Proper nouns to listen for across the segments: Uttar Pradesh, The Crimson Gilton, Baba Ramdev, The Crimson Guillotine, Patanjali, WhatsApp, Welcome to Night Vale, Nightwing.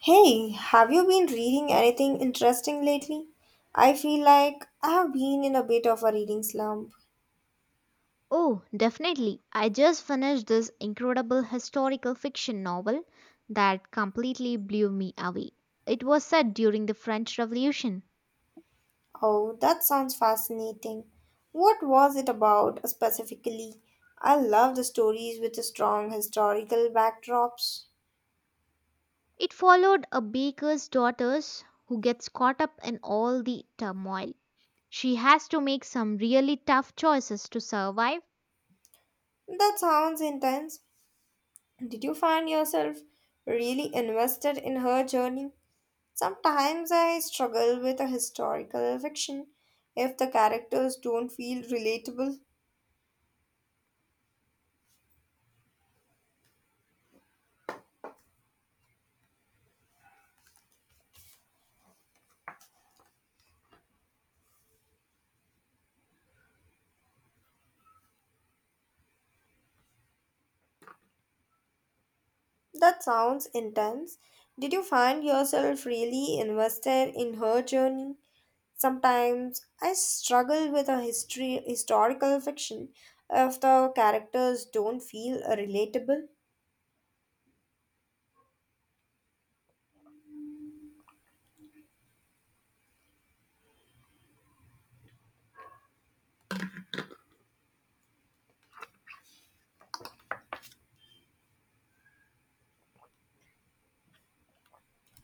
Hey, have you been reading anything interesting lately? I feel like I have been in a bit of a reading slump. Oh, definitely. I just finished this incredible historical fiction novel that completely blew me away. It was set during the French Revolution. Oh, that sounds fascinating. What was it about specifically? I love the stories with strong historical backdrops. It followed a baker's daughter who gets caught up in all the turmoil. She has to make some really tough choices to survive. That sounds intense. Did you find yourself really invested in her journey? Sometimes I struggle with a historical fiction if the characters don't feel relatable. That sounds intense. Did you find yourself really invested in her journey? Sometimes I struggle with a history historical fiction if the characters don't feel relatable.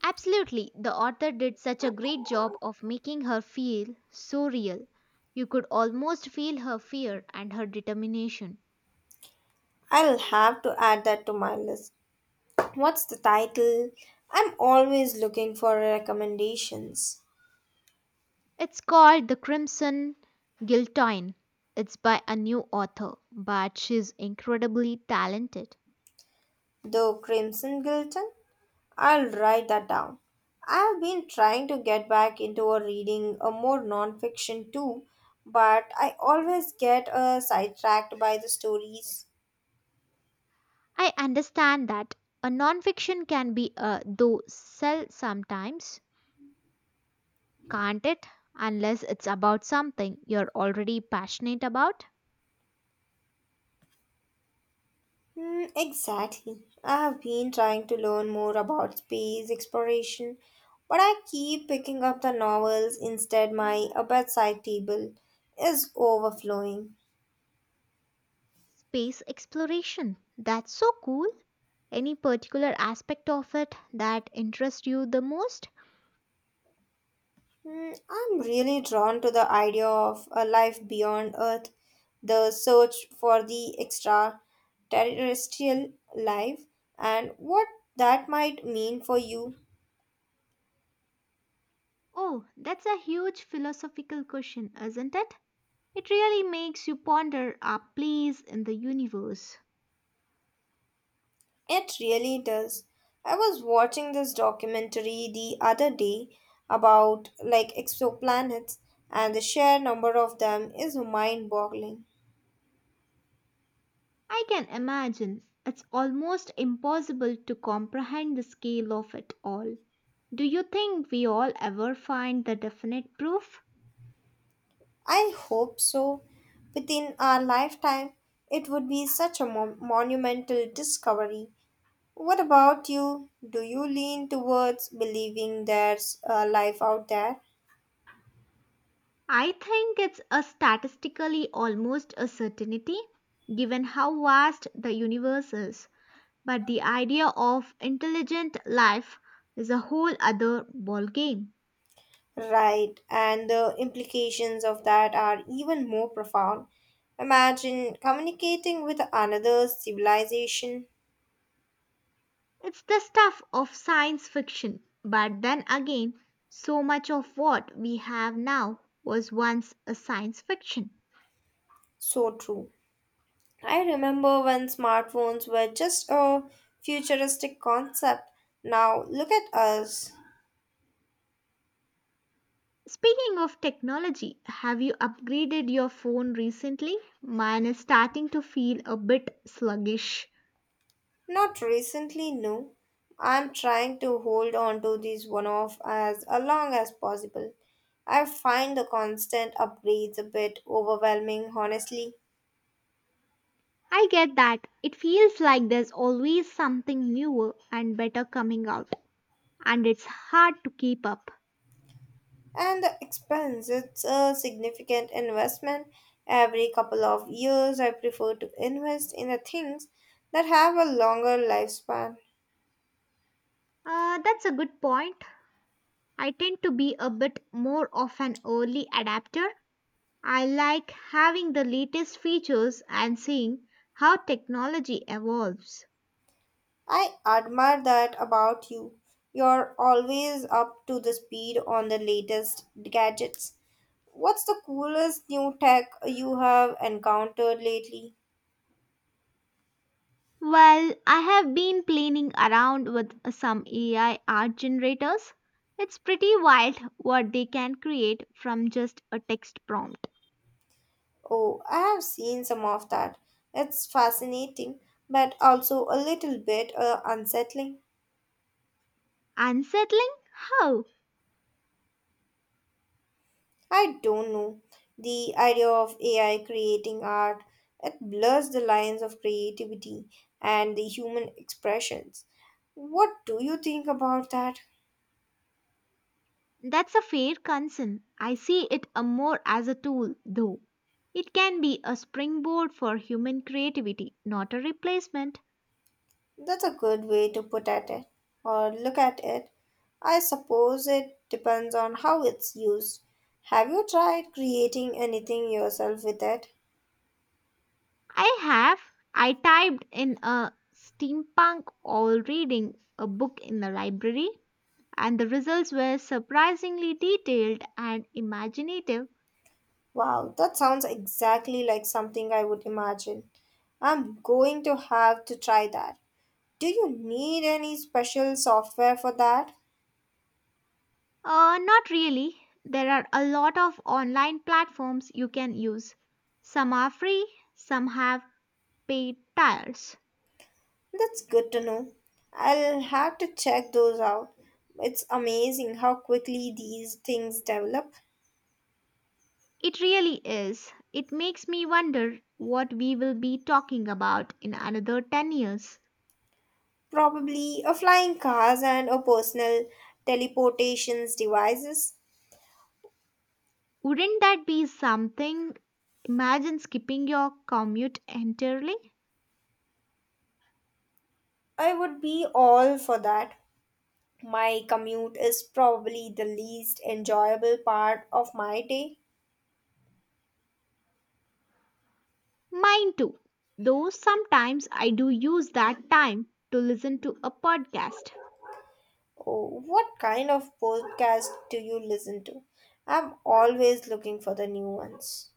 Absolutely, the author did such a great job of making her feel so real. You could almost feel her fear and her determination. I'll have to add that to my list. What's the title? I'm always looking for recommendations. It's called The Crimson Guillotine. It's by a new author, but she's incredibly talented. The Crimson Gilton? I'll write that down. I've been trying to get back into a reading a more non-fiction too, but I always get sidetracked by the stories. I understand that a nonfiction can be a though sell sometimes, can't it? Unless it's about something you're already passionate about. Hmm, exactly. I have been trying to learn more about space exploration, but I keep picking up the novels instead. My bedside table is overflowing. Space exploration. That's so cool. Any particular aspect of it that interests you the most? Hmm, I'm really drawn to the idea of a life beyond Earth, the search for the extraterrestrial life, and what that might mean for you. Oh, that's a huge philosophical question, isn't it? It really makes you ponder our place in the universe. It really does. I was watching this documentary the other day about like exoplanets, and the sheer number of them is mind boggling. I can imagine it's almost impossible to comprehend the scale of it all. Do you think we all ever find the definite proof? I hope so. Within our lifetime, it would be such a monumental discovery. What about you? Do you lean towards believing there's a life out there? I think it's a statistically almost a certainty, given how vast the universe is. But the idea of intelligent life is a whole other ballgame. Right, and the implications of that are even more profound. Imagine communicating with another civilization. It's the stuff of science fiction, but then again, so much of what we have now was once a science fiction. So true. I remember when smartphones were just a futuristic concept. Now look at us. Speaking of technology, have you upgraded your phone recently? Mine is starting to feel a bit sluggish. Not recently, no. I'm trying to hold on to these one off as long as possible. I find the constant upgrades a bit overwhelming, honestly. I get that. It feels like there's always something newer and better coming out, and it's hard to keep up. And the expense, it's a significant investment. Every couple of years, I prefer to invest in the things that have a longer lifespan. That's a good point. I tend to be a bit more of an early adapter. I like having the latest features and seeing how technology evolves. I admire that about you. You're always up to the speed on the latest gadgets. What's the coolest new tech you have encountered lately? Well, I have been playing around with some AI art generators. It's pretty wild what they can create from just a text prompt. Oh, I have seen some of that. It's fascinating, but also a little bit unsettling. Unsettling? How? I don't know. The idea of AI creating art, it blurs the lines of creativity and the human expressions. What do you think about that? That's a fair concern. I see it a more as a tool, though. It can be a springboard for human creativity, not a replacement. That's a good way to put at it or look at it. I suppose it depends on how it's used. Have you tried creating anything yourself with it? I have. I typed in a steampunk while reading a book in the library, and the results were surprisingly detailed and imaginative. Wow, that sounds exactly like something I would imagine. I'm going to have to try that. Do you need any special software for that? Not really. There are a lot of online platforms you can use. Some are free, some have paid tiers. That's good to know. I'll have to check those out. It's amazing how quickly these things develop. It really is. It makes me wonder what we will be talking about in another 10 years. Probably a flying cars and a personal teleportations devices. Wouldn't that be something? Imagine skipping your commute entirely. I would be all for that. My commute is probably the least enjoyable part of my day. Mine too. Though sometimes I do use that time to listen to a podcast. Oh, what kind of podcast do you listen to? I'm always looking for the new ones.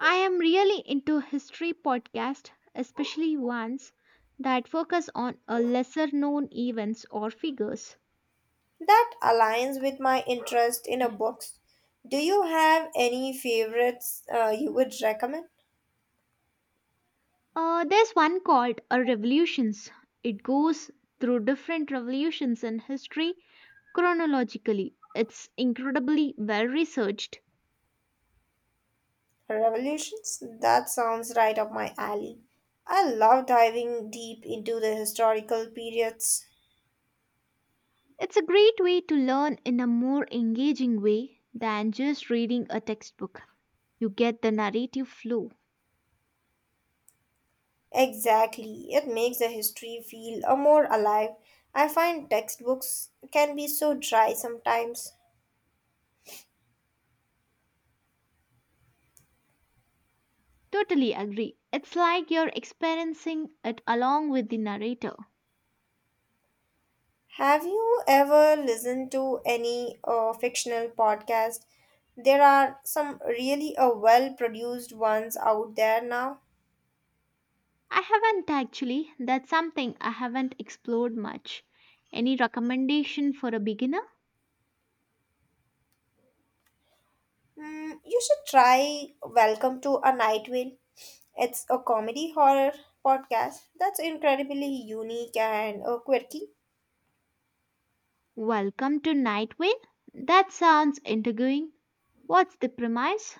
I am really into history podcast, especially ones that focus on a lesser known events or figures. That aligns with my interest in a books. Do you have any favorites you would recommend? There's one called a revolutions. It goes through different revolutions in history chronologically. It's incredibly well researched. Revolutions? That sounds right up my alley. I love diving deep into the historical periods. It's a great way to learn in a more engaging way than just reading a textbook. You get the narrative flow. Exactly. It makes the history feel a more alive. I find textbooks can be so dry sometimes. Totally agree. It's like you're experiencing it along with the narrator. Have you ever listened to any fictional podcast? There are some really well produced ones out there now. I haven't actually. That's something I haven't explored much. Any recommendation for a beginner? Mm, you should try Welcome to a Night Vale. It's a comedy horror podcast that's incredibly unique and quirky. Welcome to Nightwing? That sounds intriguing. What's the premise?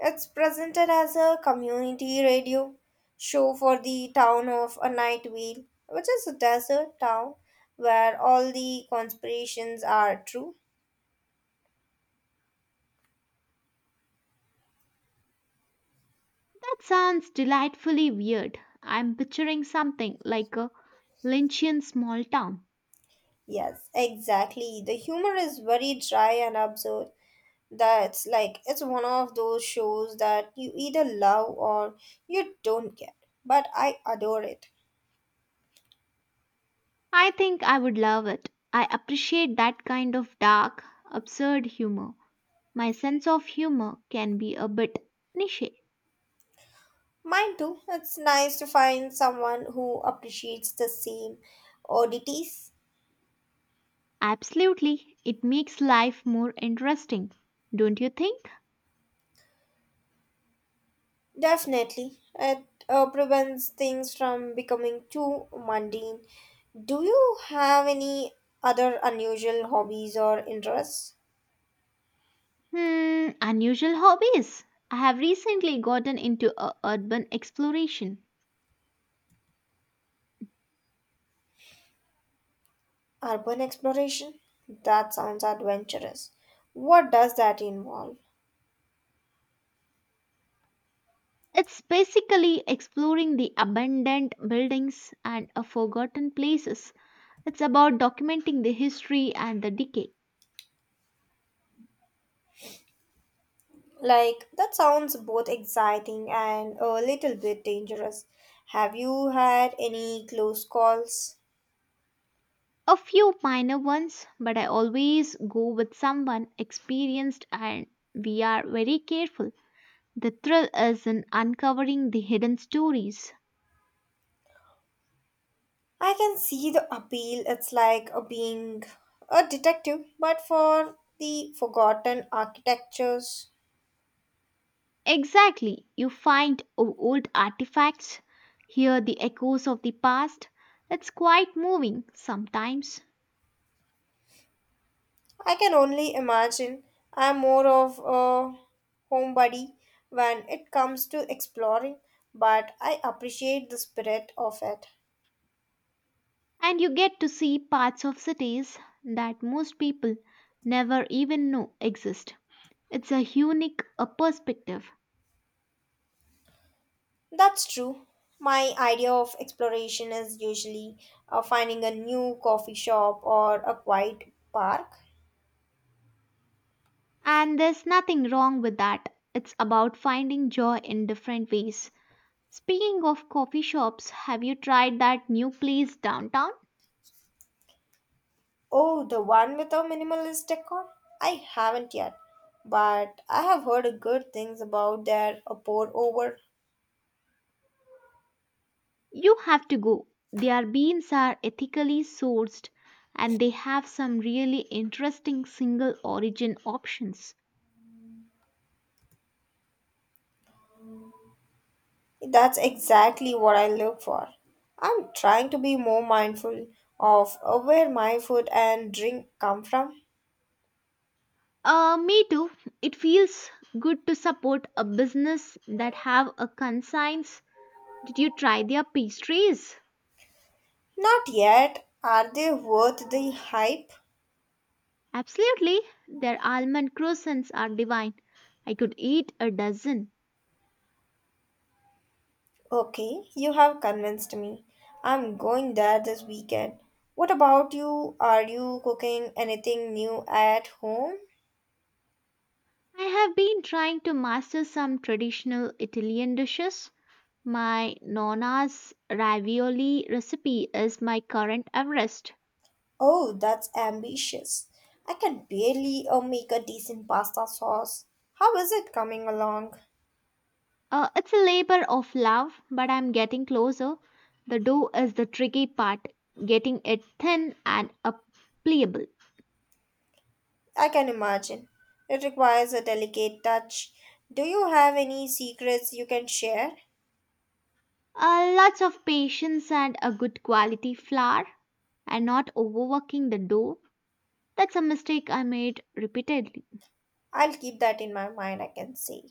It's presented as a community radio show for the town of a Night Vale, which is a desert town where all the conspirations are true. That sounds delightfully weird. I'm picturing something like a Lynchian small town. Yes, exactly. The humor is very dry and absurd. That's like it's one of those shows that you either love or you don't get. But I adore it. I think I would love it. I appreciate that kind of dark, absurd humor. My sense of humor can be a bit niche. Mine too. It's nice to find someone who appreciates the same oddities. Absolutely, it makes life more interesting, don't you think? Definitely. It prevents things from becoming too mundane. Do you have any other unusual hobbies or interests? Hmm, unusual hobbies. I have recently gotten into a urban exploration. Urban exploration? That sounds adventurous. What does that involve? It's basically exploring the abandoned buildings and a forgotten places. It's about documenting the history and the decay. Like, that sounds both exciting and a little bit dangerous. Have you had any close calls? A few minor ones, but I always go with someone experienced and we are very careful. The thrill is in uncovering the hidden stories. I can see the appeal. It's like a being a detective, but for the forgotten architectures. Exactly. You find old artifacts, hear the echoes of the past. It's quite moving sometimes. I can only imagine. I'm more of a homebody when it comes to exploring, but I appreciate the spirit of it. And you get to see parts of cities that most people never even know exist. It's a unique a perspective. That's true. My idea of exploration is usually finding a new coffee shop or a quiet park. And there's nothing wrong with that. It's about finding joy in different ways. Speaking of coffee shops, have you tried that new place downtown? Oh, the one with a minimalist decor? I haven't yet, but I have heard good things about their pour over. You have to go. Their beans are ethically sourced and they have some really interesting single origin options. That's exactly what I look for. I'm trying to be more mindful of where my food and drink come from. Me too. It feels good to support a business that have a conscience. Did you try their pastries? Not yet. Are they worth the hype? Absolutely. Their almond croissants are divine. I could eat a dozen. Okay, you have convinced me. I'm going there this weekend. What about you? Are you cooking anything new at home? I have been trying to master some traditional Italian dishes. My nonna's ravioli recipe is my current Everest. Oh, that's ambitious. I can barely make a decent pasta sauce. How is it coming along? It's a labor of love, but I'm getting closer. The dough is the tricky part, getting it thin and pliable. I can imagine. It requires a delicate touch. Do you have any secrets you can share? Lots of patience and a good quality flour, and not overworking the dough. That's a mistake I made repeatedly. I'll keep that in my mind, I can say.